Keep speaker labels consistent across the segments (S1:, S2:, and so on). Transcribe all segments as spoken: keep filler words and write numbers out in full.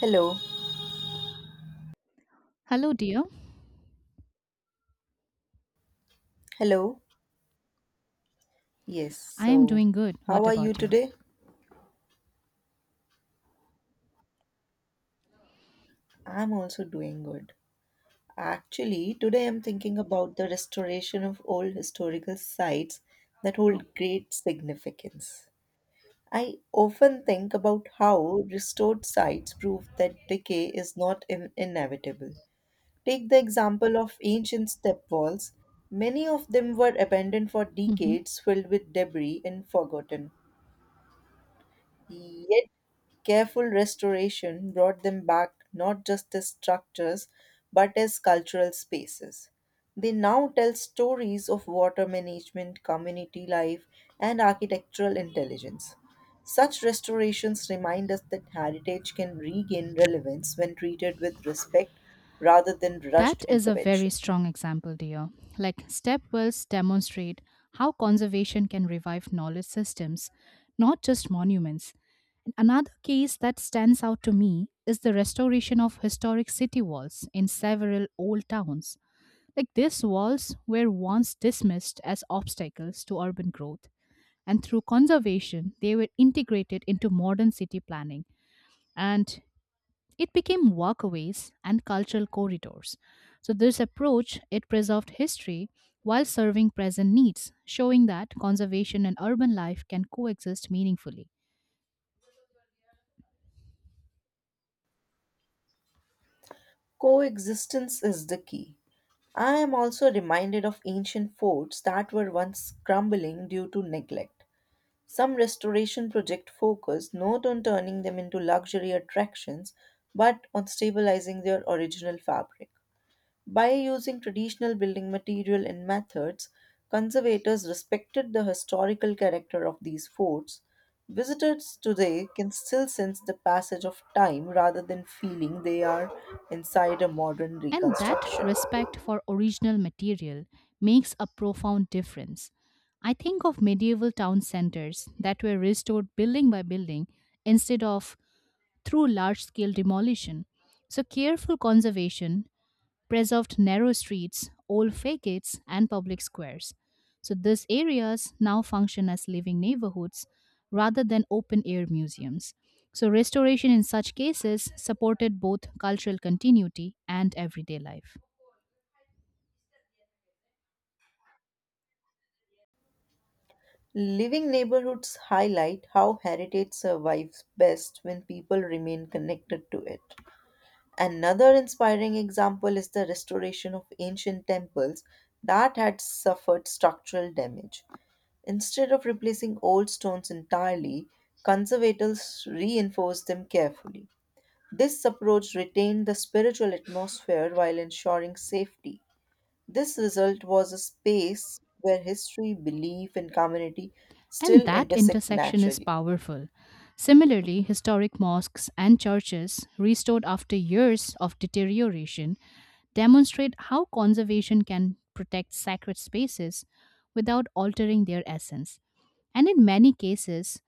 S1: Hello.
S2: Hello, dear.
S1: Hello. Yes.
S2: I am
S1: So,
S2: doing good.
S1: how
S2: What
S1: are you
S2: about you?
S1: today? I'm also doing good. Actually, today I'm thinking about the restoration of old historical sites that
S2: Oh.
S1: hold great significance. I often think about how restored sites prove that decay is not in- inevitable. Take the example of ancient step walls. Many of them were abandoned for
S2: Mhm.
S1: decades, filled with debris and forgotten. Yet careful restoration brought them back not just as structures but as cultural spaces. They now tell stories of water management, community life, and architectural intelligence. Such restorations remind us that heritage can regain relevance when treated with respect rather than rushed
S2: That is a very
S1: intervention.
S2: strong example, dear. Like stepwells demonstrate how conservation can revive knowledge systems, not just monuments. Another case that stands out to me is the restoration of historic city walls in several old towns. Like these walls were once dismissed as obstacles to urban growth, and through conservation, they were integrated into modern city planning. And It became walkways and cultural corridors. So this approach it preserved history while serving present needs, showing that conservation and urban life can coexist meaningfully.
S1: Coexistence is the key. I am also reminded of ancient forts that were once crumbling due to neglect. Some restoration projects focus not on turning them into luxury attractions but on stabilizing their original fabric. By using traditional building material and methods, conservators respected the historical character of these forts. Visitors today can still sense the passage of time rather than feeling they are inside a modern
S2: And that
S1: reconstruction.
S2: respect for original material makes a profound difference. I think of medieval town centers that were restored building by building instead of through large scale demolition. So, careful conservation preserved narrow streets, old facades, and public squares. So these areas now function as living neighborhoods rather than open air museums. So restoration in such cases supported both cultural continuity and everyday life.
S1: Living neighborhoods highlight how heritage survives best when people remain connected to it. Another inspiring example is the restoration of ancient temples that had suffered structural damage. Instead of replacing old stones entirely, conservators reinforced them carefully. This approach retained the spiritual atmosphere while ensuring safety. This result was a space where history, belief, and community
S2: And
S1: still
S2: that
S1: intersect
S2: intersection is
S1: naturally.
S2: powerful. Similarly, historic mosques and churches, restored after years of deterioration, demonstrate how conservation can protect sacred spaces without altering their essence. And in many cases,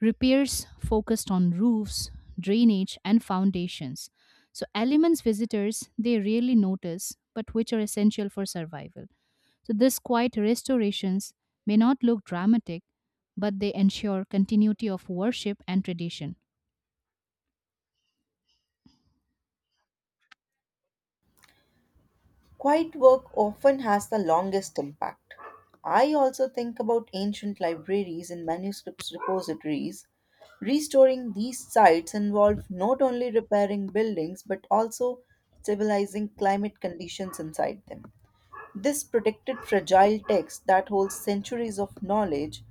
S2: repairs focused on roofs, drainage, and foundations. So, elements visitors they rarely notice, but which are essential for survival. So, these quiet restorations may not look dramatic, but they ensure continuity of worship and tradition.
S1: Quiet work often has the longest impact. I also think about ancient libraries and manuscripts repositories. Restoring these sites involved not only repairing buildings but also stabilizing climate conditions inside them. This protected fragile text that holds centuries of knowledge.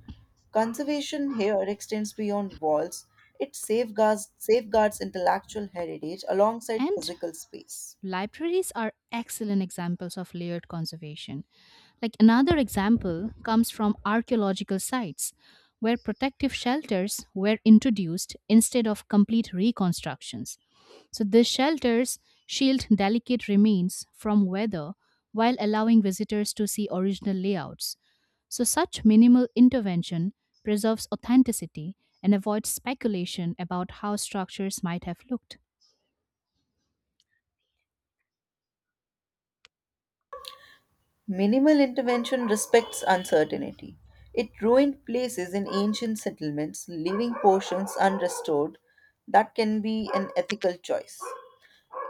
S1: Conservation here extends beyond walls. It safeguards, safeguards intellectual heritage alongside
S2: And
S1: physical space.
S2: Libraries are excellent examples of layered conservation. Like another example comes from archaeological sites, where protective shelters were introduced instead of complete reconstructions. So these shelters shield delicate remains from weather while allowing visitors to see original layouts. So such minimal intervention preserves authenticity and avoids speculation about how structures might have looked.
S1: Minimal intervention respects uncertainty. It ruined places in ancient settlements, leaving portions unrestored. That can be an ethical choice.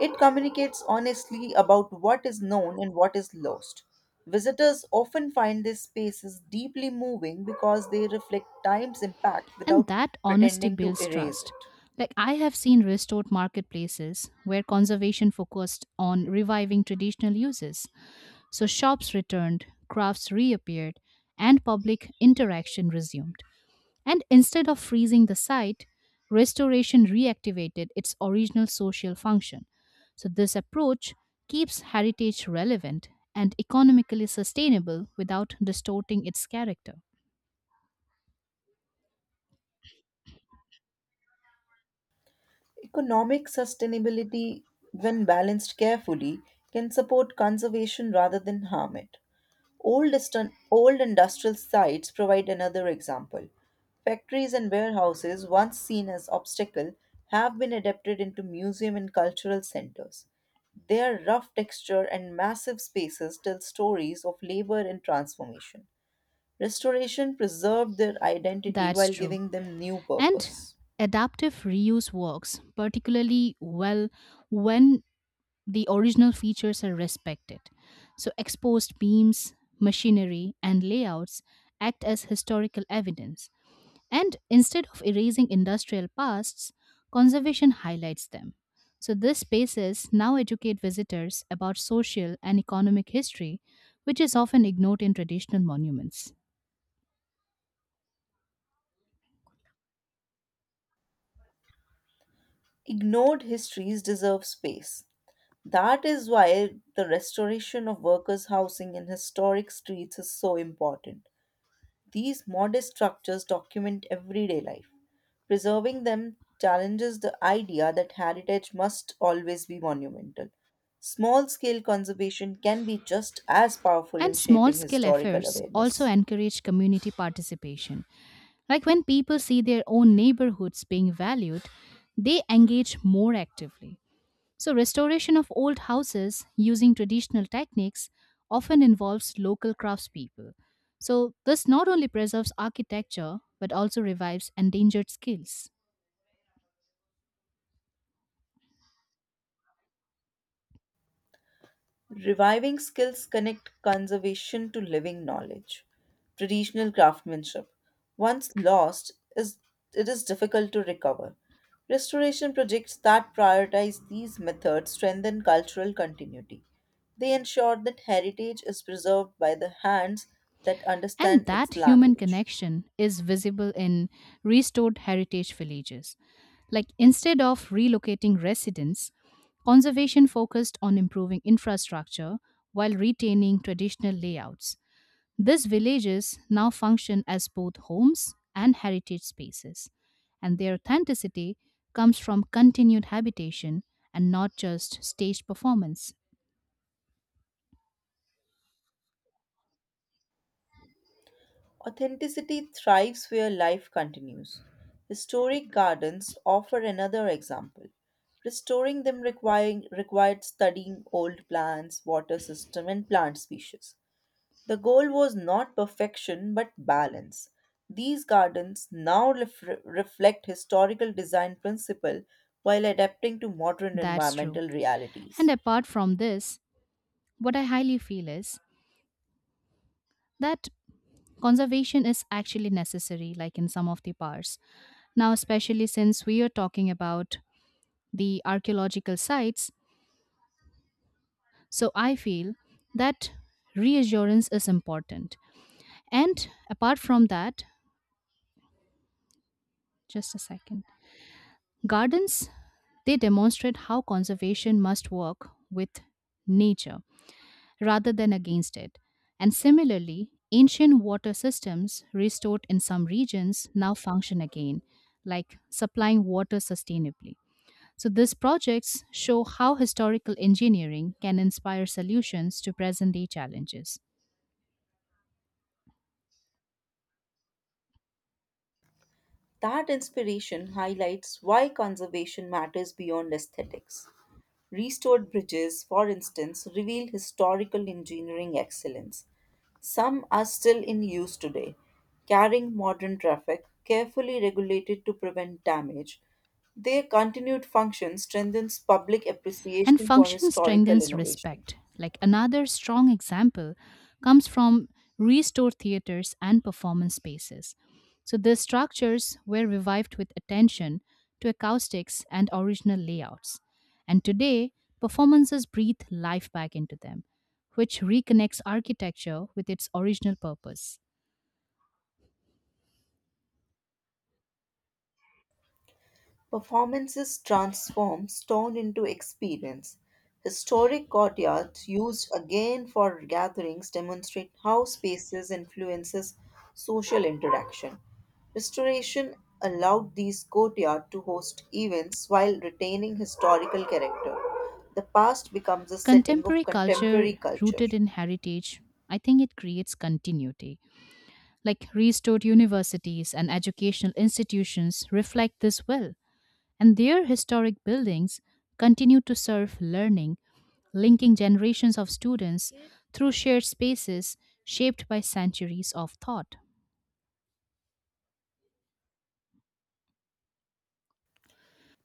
S1: It communicates honestly about what is known and what is lost. Visitors often find these spaces deeply moving because they reflect time's impact
S2: And
S1: without
S2: that honesty
S1: pretending to
S2: builds
S1: erase
S2: trust.
S1: it.
S2: Like I have seen restored marketplaces where conservation focused on reviving traditional uses. So shops returned, crafts reappeared, and public interaction resumed. And instead of freezing the site, restoration reactivated its original social function. So this approach keeps heritage relevant and economically sustainable without distorting its character.
S1: Economic sustainability, when balanced carefully, can support conservation rather than harm it. Old, distan- old industrial sites provide another example. Factories and warehouses, once seen as obstacle, have been adapted into museum and cultural centers. Their rough texture and massive spaces tell stories of labor and transformation. Restoration preserved their identity
S2: That's
S1: while
S2: true.
S1: giving them new
S2: And
S1: purpose.
S2: adaptive reuse works particularly well when the original features are respected. So, exposed beams, machinery, and layouts act as historical evidence. And instead of erasing industrial pasts, conservation highlights them. So, these spaces now educate visitors about social and economic history, which is often ignored in traditional monuments.
S1: Ignored histories deserve space. That is why the restoration of workers' housing in historic streets is so important. These modest structures document everyday life. Preserving them challenges the idea that heritage must always be monumental. Small scale conservation can be just as powerful in
S2: And small
S1: shaping
S2: scale
S1: historical
S2: efforts also
S1: awareness.
S2: encourage community participation. Like when people see their own neighborhoods being valued, they engage more actively. So, restoration of old houses using traditional techniques often involves local craftspeople. So, this not only preserves architecture but also revives endangered skills.
S1: Reviving skills connect conservation to living knowledge. Traditional craftsmanship, once lost, is it is difficult to recover. Restoration projects that prioritize these methods strengthen cultural continuity. They ensure that heritage is preserved by the hands that
S2: And
S1: understand its
S2: that human
S1: language.
S2: connection is visible in restored heritage villages. Like instead of relocating residents, conservation focused on improving infrastructure while retaining traditional layouts. These villages now function as both homes and heritage spaces, and their authenticity comes from continued habitation and not just staged performance.
S1: Authenticity thrives where life continues. Historic gardens offer another example. Restoring them requiring, required studying old plants, water system, and plant species. The goal was not perfection but balance. These gardens now ref- reflect historical design principle while adapting to modern
S2: That's true.
S1: environmental
S2: And
S1: realities.
S2: apart from this, what I highly feel is that conservation is actually necessary, like in some of the parts. Now, especially since we are talking about the archaeological sites, so I feel that reassurance is important. And apart from that, just a second, gardens they demonstrate how conservation must work with nature rather than against it. And similarly, ancient water systems restored in some regions now function again, like supplying water sustainably. So, these projects show how historical engineering can inspire solutions to present day challenges.
S1: That inspiration highlights why conservation matters beyond aesthetics. Restored bridges, for instance, reveal historical engineering excellence. Some are still in use today, carrying modern traffic, carefully regulated to prevent damage. Their continued function strengthens public
S2: And
S1: appreciation for
S2: function
S1: historical
S2: strengthens
S1: innovation.
S2: respect. Like another strong example comes from restored theaters and performance spaces. So, these structures were revived with attention to acoustics and original layouts. And today, performances breathe life back into them, which reconnects architecture with its original purpose.
S1: Performances transform stone into experience. Historic courtyards used again for gatherings demonstrate how spaces influences social interaction. Restoration allowed these courtyards to host events while retaining historical character. The past becomes a setting of
S2: Contemporary
S1: contemporary
S2: culture
S1: culture.
S2: rooted in heritage, I think it creates continuity. Like restored universities and educational institutions reflect this well, and their historic buildings continue to serve learning, linking generations of students through shared spaces shaped by centuries of thought.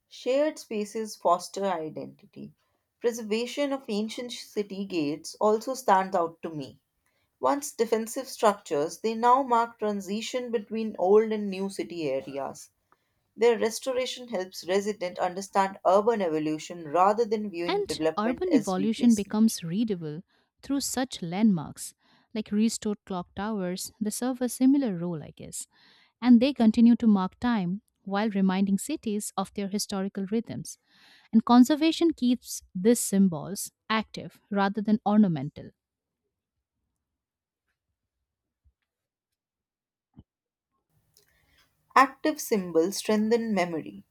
S1: Shared spaces foster identity. Preservation of ancient city gates also stands out to me. Once defensive structures, they now mark transition between old and new city areas. Their restoration helps residents understand urban evolution rather than viewing
S2: And
S1: development
S2: urban
S1: as
S2: evolution
S1: replacement.
S2: becomes readable through such landmarks like restored clock towers, they serve a similar role, I guess. And they continue to mark time while reminding cities of their historical rhythms. And conservation keeps these symbols active rather than ornamental.
S1: Active symbols strengthen memory.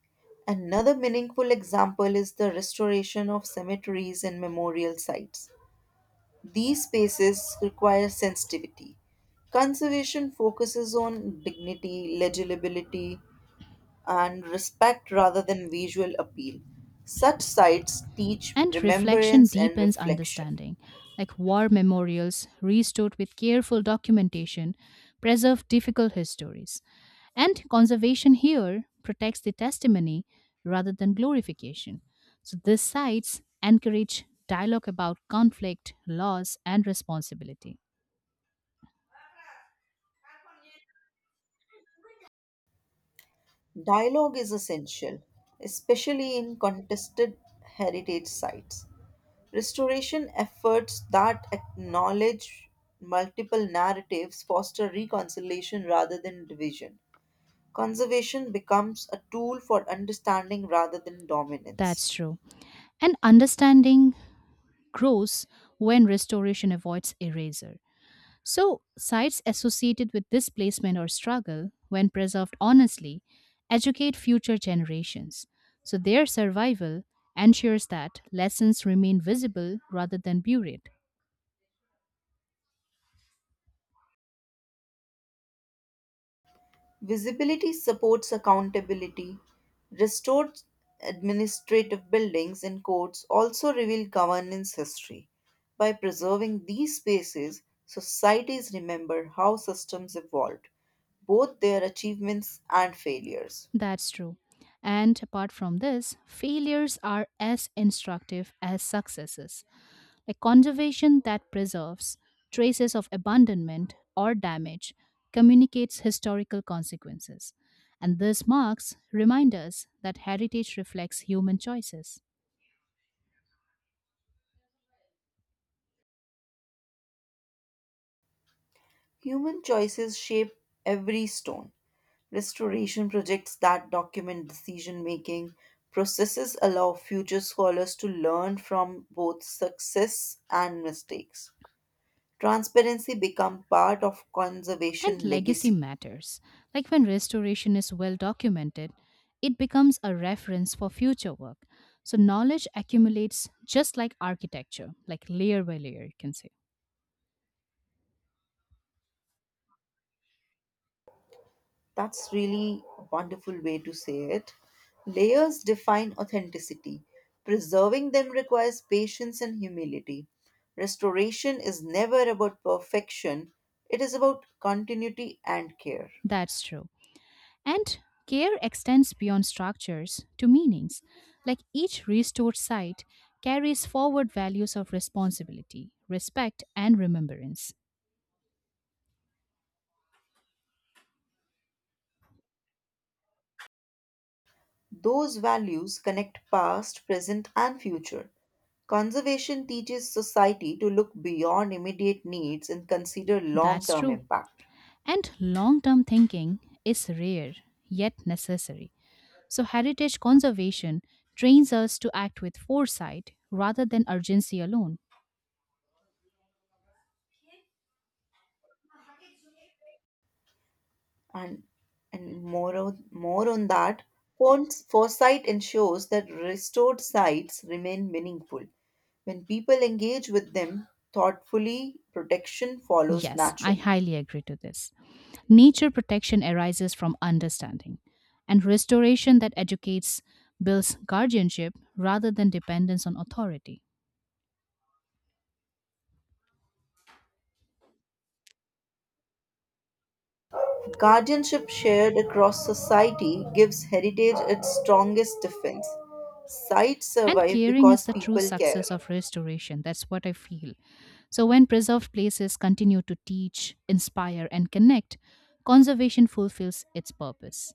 S1: Another meaningful example is the restoration of cemeteries and memorial sites. These spaces require sensitivity. Conservation focuses on dignity, legibility, and respect rather than visual appeal. Such sites teach
S2: And reflection
S1: remembrance and
S2: deepens
S1: reflection.
S2: understanding. Like war memorials, restored with careful documentation, preserve difficult histories. And conservation here protects the testimony rather than glorification. So these sites encourage dialogue about conflict, loss, and responsibility.
S1: Dialogue is essential, especially in contested heritage sites. Restoration efforts that acknowledge multiple narratives foster reconciliation rather than division. Conservation becomes a tool for understanding rather than dominance.
S2: That's true. And understanding grows when restoration avoids erasure. So, sites associated with displacement or struggle, when preserved honestly, educate future generations. So, their survival ensures that lessons remain visible rather than buried.
S1: Visibility supports accountability. Restored administrative buildings and courts also reveal governance history. By preserving these spaces, societies remember how systems evolved, both their achievements and failures.
S2: That's true. And apart from this, failures are as instructive as successes. A conservation that preserves traces of abandonment or damage communicates historical consequences. And this marks remind us that heritage reflects human choices.
S1: Human choices shape every stone. Restoration projects that document decision making processes allow future scholars to learn from both success and mistakes. Transparency become part of
S2: And
S1: conservation
S2: legacy
S1: legacy.
S2: matters. Like when restoration is well documented, it becomes a reference for future work. So knowledge accumulates just like architecture, like layer by layer, you can say.
S1: That's really a wonderful way to say it. Layers define authenticity. Preserving them requires patience and humility. Restoration is never about perfection, it is about continuity and care.
S2: That's true. And care extends beyond structures to meanings, like each restored site carries forward values of responsibility, respect, and remembrance.
S1: Those values connect past, present, and future. Conservation teaches society to look beyond immediate needs and consider long
S2: That's
S1: term
S2: true.
S1: impact.
S2: And long term thinking is rare yet necessary. So, heritage conservation trains us to act with foresight rather than urgency alone.
S1: and and more on, more on that Fons- foresight ensures that restored sites remain meaningful when people engage with them thoughtfully, protection follows
S2: Yes, I
S1: naturally.
S2: highly agree to this. Nature protection arises from understanding, and restoration that educates builds guardianship rather than dependence on authority.
S1: Guardianship shared across society gives heritage its strongest defense. Sites
S2: And
S1: survive
S2: caring is
S1: because
S2: the true
S1: people care.
S2: success of restoration. That's what I feel. So, when preserved places continue to teach, inspire, and connect, conservation fulfills its purpose.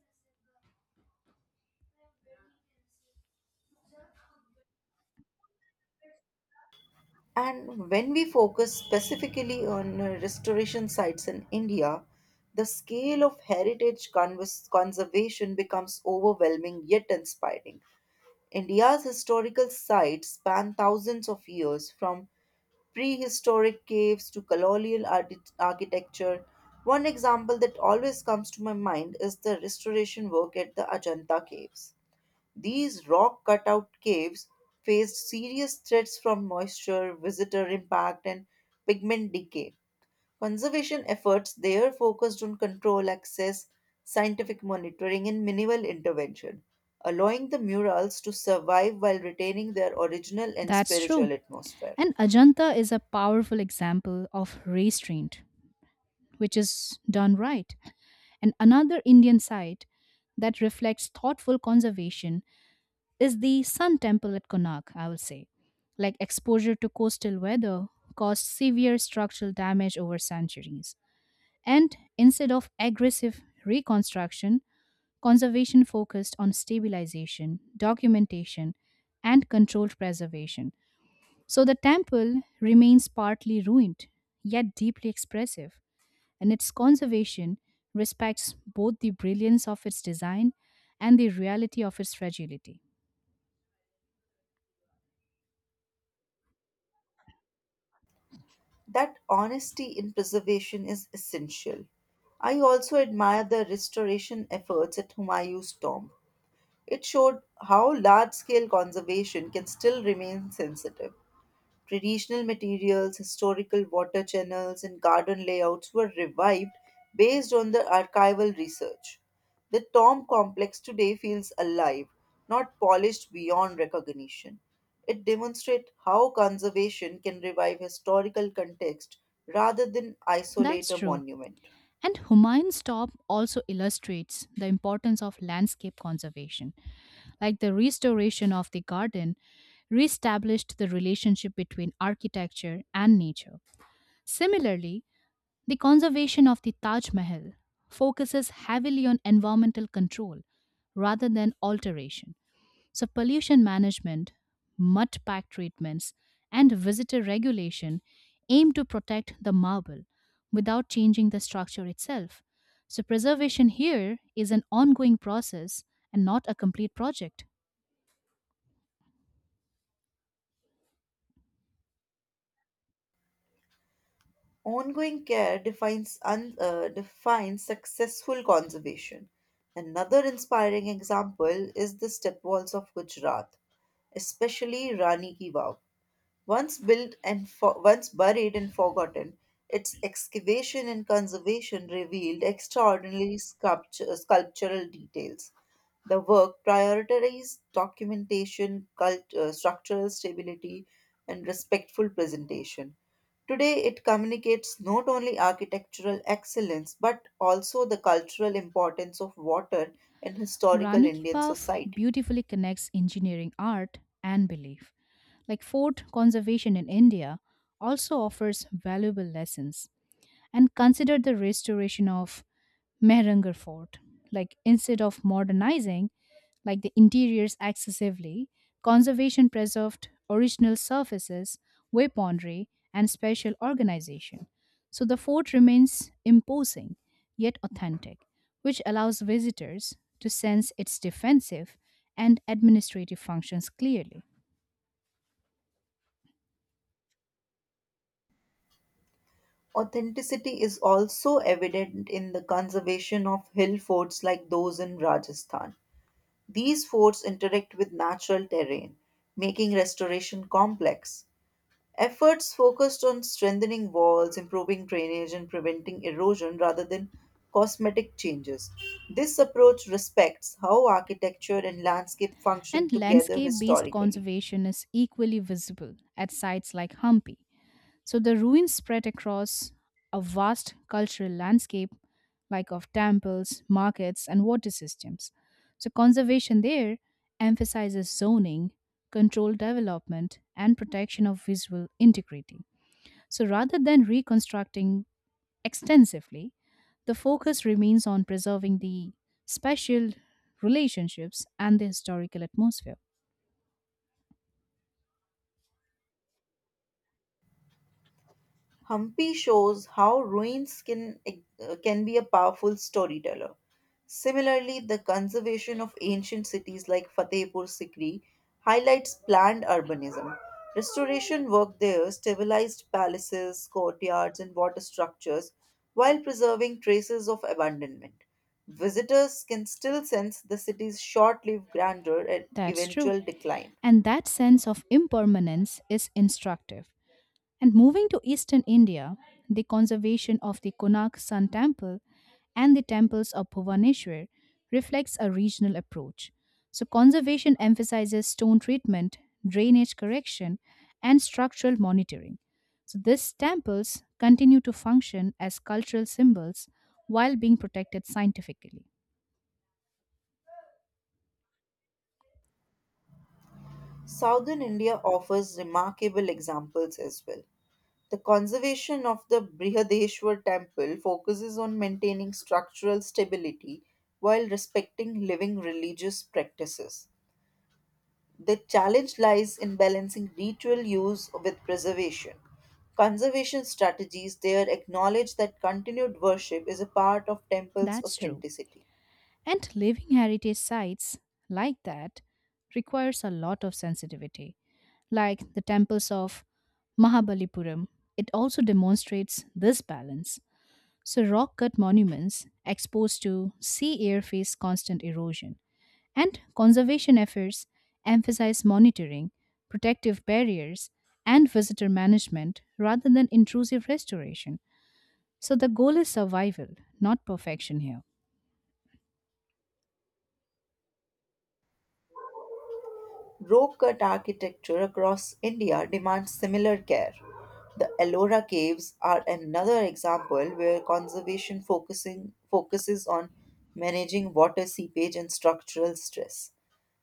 S1: And when we focus specifically on uh, restoration sites in India, the scale of heritage convers- conservation becomes overwhelming yet inspiring. India's historical sites span thousands of years, from prehistoric caves to colonial archi- architecture. One example that always comes to my mind is the restoration work at the Ajanta Caves. These rock cutout caves faced serious threats from moisture, visitor impact, and pigment decay. Conservation efforts there focused on control access, scientific monitoring, and minimal intervention, allowing the murals to survive while retaining their original and
S2: That's true.
S1: spiritual atmosphere.
S2: And Ajanta is a powerful example of restraint, which is done right. And another Indian site that reflects thoughtful conservation is the sun temple at Konark, I will say. Like exposure to coastal weather caused severe structural damage over centuries. And instead of aggressive reconstruction, conservation focused on stabilization, documentation, and controlled preservation. So the temple remains partly ruined, yet deeply expressive, and its conservation respects both the brilliance of its design and the reality of its fragility.
S1: That honesty in preservation is essential. I also admire the restoration efforts at Humayun's tomb. It showed how large scale conservation can still remain sensitive. Traditional materials, historical water channels, and garden layouts were revived based on the archival research. The Tom complex today feels alive, not polished beyond recognition. It demonstrates how conservation can revive historical context rather than
S2: That's
S1: isolate a
S2: true.
S1: monument.
S2: And Humayun's Tomb also illustrates the importance of landscape conservation, like the restoration of the garden reestablished the relationship between architecture and nature. Similarly, the conservation of the Taj Mahal focuses heavily on environmental control rather than alteration, so pollution management, mud pack treatments, and visitor regulation aim to protect the marble without changing the structure itself. So, preservation here is an ongoing process and not a complete project.
S1: Ongoing care defines, un, uh, defines successful conservation. Another inspiring example is the steppe walls of Gujarat, especially Rani Ki Vav. Once built and fo- once buried and forgotten, its excavation and conservation revealed extraordinary sculpture- sculptural details. The work prioritized documentation, cult- uh, structural stability, and respectful presentation. Today, it communicates not only architectural excellence but also the cultural importance of water in historical
S2: Rani Ki
S1: Indian
S2: Vav
S1: society.
S2: beautifully connects engineering art and belief. Like fort conservation in India also offers valuable lessons and consider the restoration of Mehrangarh Fort. Like instead of modernizing like the interiors excessively, conservation preserved original surfaces, weaponry, and special organization. So the fort remains imposing yet authentic, which allows visitors to sense its defensive and administrative functions clearly.
S1: Authenticity is also evident in the conservation of hill forts like those in Rajasthan. These forts interact with natural terrain, making restoration complex. Efforts focused on strengthening walls, improving drainage, and preventing erosion rather than cosmetic changes. This approach respects how architecture and landscape function
S2: And
S1: together
S2: landscape based
S1: historically.
S2: conservation is equally visible at sites like Hampi. So the ruins spread across a vast cultural landscape, like of temples, markets, and water systems. So conservation there emphasizes zoning, controlled development, and protection of visual integrity. So rather than reconstructing extensively, the focus remains on preserving the spatial relationships and the historical atmosphere.
S1: Humpy shows how ruins can, uh, can be a powerful storyteller. Similarly, the conservation of ancient cities like Fatehpur Sikri highlights planned urbanism. Restoration work there stabilized palaces, courtyards, and water structures while preserving traces of abandonment. Visitors can still sense the city's short lived grandeur and
S2: That's true.
S1: eventual decline.
S2: And that sense of impermanence is instructive. And moving to eastern India, the conservation of the Konark Sun Temple and the temples of Bhubaneswar reflects a regional approach. So, conservation emphasizes stone treatment, drainage correction, and structural monitoring. So, these temples continue to function as cultural symbols while being protected scientifically.
S1: Southern India offers remarkable examples as well. The conservation of the Brihadeshwar temple focuses on maintaining structural stability while respecting living religious practices. The challenge lies in balancing ritual use with preservation. Conservation strategies there acknowledge that continued worship is a part of temple's
S2: That's true.
S1: authenticity.
S2: And living heritage sites like that requires a lot of sensitivity. Like the temples of Mahabalipuram, it also demonstrates this balance. So, rock cut monuments exposed to sea air face constant erosion, and conservation efforts emphasize monitoring, protective barriers, and visitor management rather than intrusive restoration. So, the goal is survival, not perfection here.
S1: Rope cut architecture across India demands similar care. The Ellora Caves are another example where conservation focusing, focuses on managing water seepage and structural stress.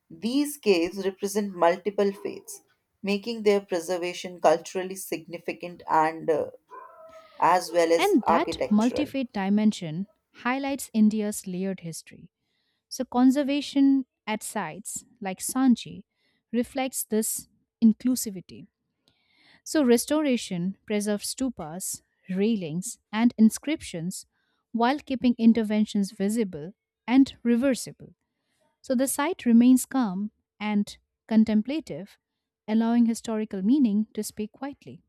S1: These caves represent multiple faiths, making their preservation culturally significant and uh, as well as
S2: And that
S1: architectural.
S2: multi-faith dimension highlights India's layered history. So conservation at sites like Sanchi reflects this inclusivity. So restoration preserves stupas, railings, and inscriptions while keeping interventions visible and reversible. So the site remains calm and contemplative, allowing historical meaning to speak quietly.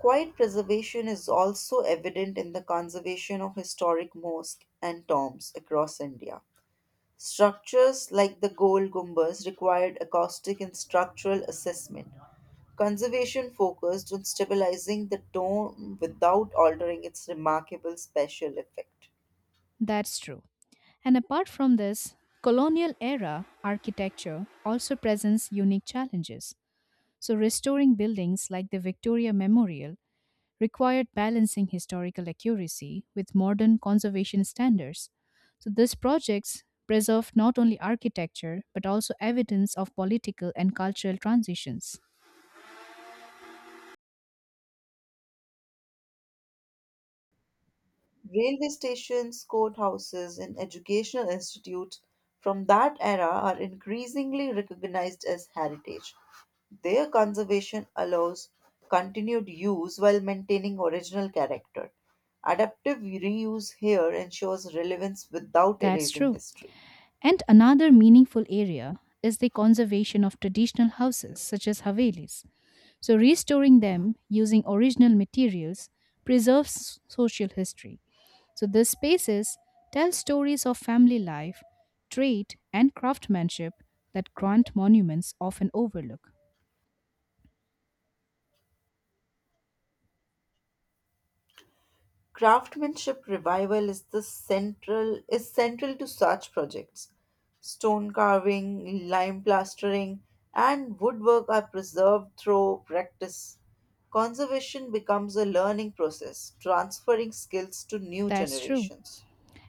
S1: Quiet preservation is also evident in the conservation of historic mosques and tombs across India. Structures like the gold gumbas required acoustic and structural assessment. Conservation focused on stabilizing the dome without altering its remarkable special effect.
S2: That's true. And apart from this, colonial era architecture also presents unique challenges. So, restoring buildings like the Victoria Memorial required balancing historical accuracy with modern conservation standards. So, these projects preserved not only architecture but also evidence of political and cultural transitions.
S1: Railway stations, courthouses, and educational institutes from that era are increasingly recognized as heritage. Their conservation allows continued use while maintaining original character. Adaptive reuse here ensures relevance without
S2: That's
S1: erasing
S2: true.
S1: history.
S2: And another meaningful area is the conservation of traditional houses such as havelis. So, restoring them using original materials preserves social history. So, these spaces tell stories of family life, trade, and craftsmanship that grand monuments often overlook.
S1: Craftsmanship revival is the central is central to such projects. Stone carving, lime plastering, and woodwork are preserved through practice. Conservation becomes a learning process, transferring skills to new
S2: That's true.
S1: generations.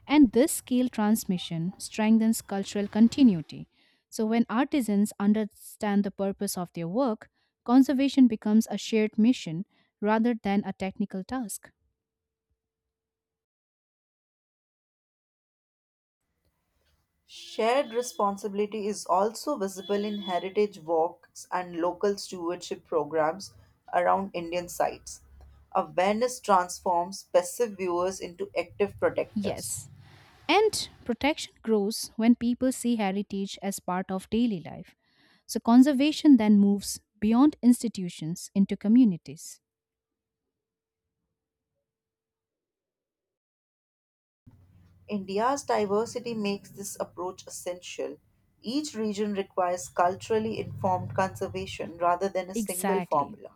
S2: And this skill transmission strengthens cultural continuity. So, when artisans understand the purpose of their work, conservation becomes a shared mission rather than a technical task.
S1: Shared responsibility is also visible in heritage walks and local stewardship programs around Indian sites. Awareness transforms passive viewers into active protectors.
S2: Yes, and protection grows when people see heritage as part of daily life. So conservation then moves beyond institutions into communities.
S1: India's diversity makes this approach essential. Each region requires culturally informed conservation rather than a single
S2: Exactly.
S1: formula.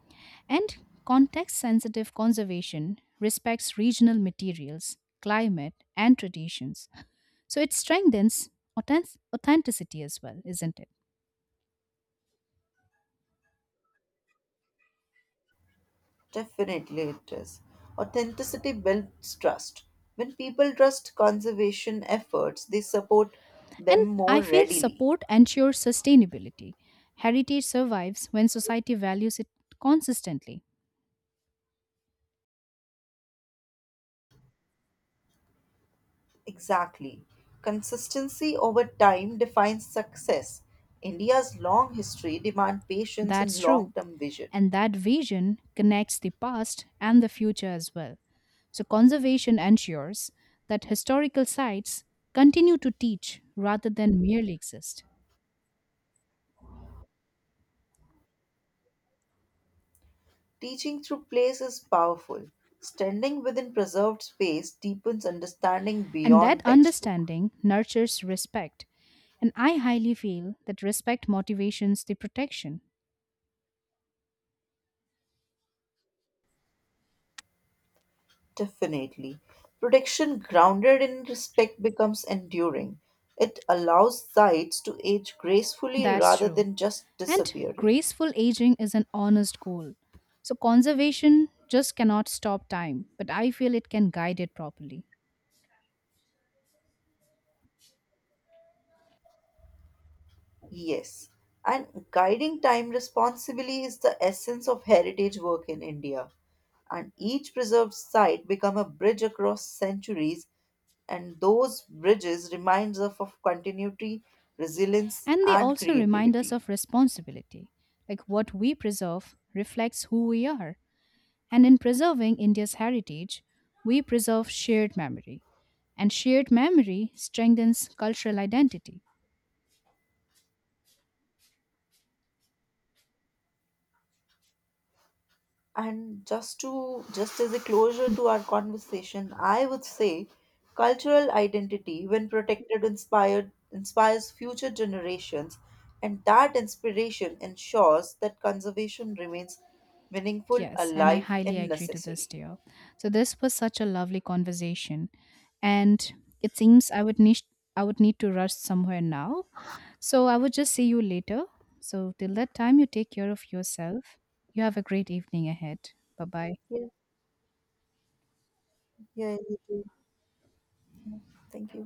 S2: And context sensitive conservation respects regional materials, climate, and traditions. So it strengthens authentic- authenticity as well, isn't it?
S1: Definitely it is. Authenticity builds trust. When people trust conservation efforts, they support them
S2: And
S1: more
S2: I feel
S1: readily.
S2: support ensures sustainability. Heritage survives when society values it consistently.
S1: Exactly. Consistency over time defines success. India's long history demands patience
S2: That's
S1: and
S2: true.
S1: long term vision.
S2: And that vision connects the past and the future as well. So, conservation ensures that historical sites continue to teach rather than merely exist.
S1: Teaching through place is powerful. Standing within preserved space deepens understanding
S2: And that
S1: beyond textbook.
S2: understanding nurtures respect. And I highly feel that respect motivations the protection.
S1: Definitely. Protection grounded in respect becomes enduring. It allows sites to age gracefully
S2: That's
S1: rather
S2: true.
S1: than just
S2: And
S1: disappearing.
S2: graceful aging is an honest goal. So, conservation just cannot stop time, but I feel it can guide it properly.
S1: Yes. And guiding time responsibly is the essence of heritage work in India. And each preserved site become a bridge across centuries, and those bridges reminds us of continuity, resilience
S2: And they
S1: and
S2: also remind us
S1: creativity.
S2: of responsibility. Like what we preserve reflects who we are. And in preserving India's heritage, we preserve shared memory. And shared memory strengthens cultural identity.
S1: And just to just as a closure to our conversation, I would say cultural identity, when protected, inspired inspires future generations, and that inspiration ensures that conservation remains meaningful,
S2: Yes, and I
S1: alive,
S2: highly
S1: and
S2: agree to this,
S1: necessary.
S2: dear. So this was such a lovely conversation. And it seems I would need I would need to rush somewhere now. So I would just see you later. So till that time you take care of yourself. You have a great evening ahead. Bye bye.
S1: Yeah, yeah, you too. Yeah. Thank you.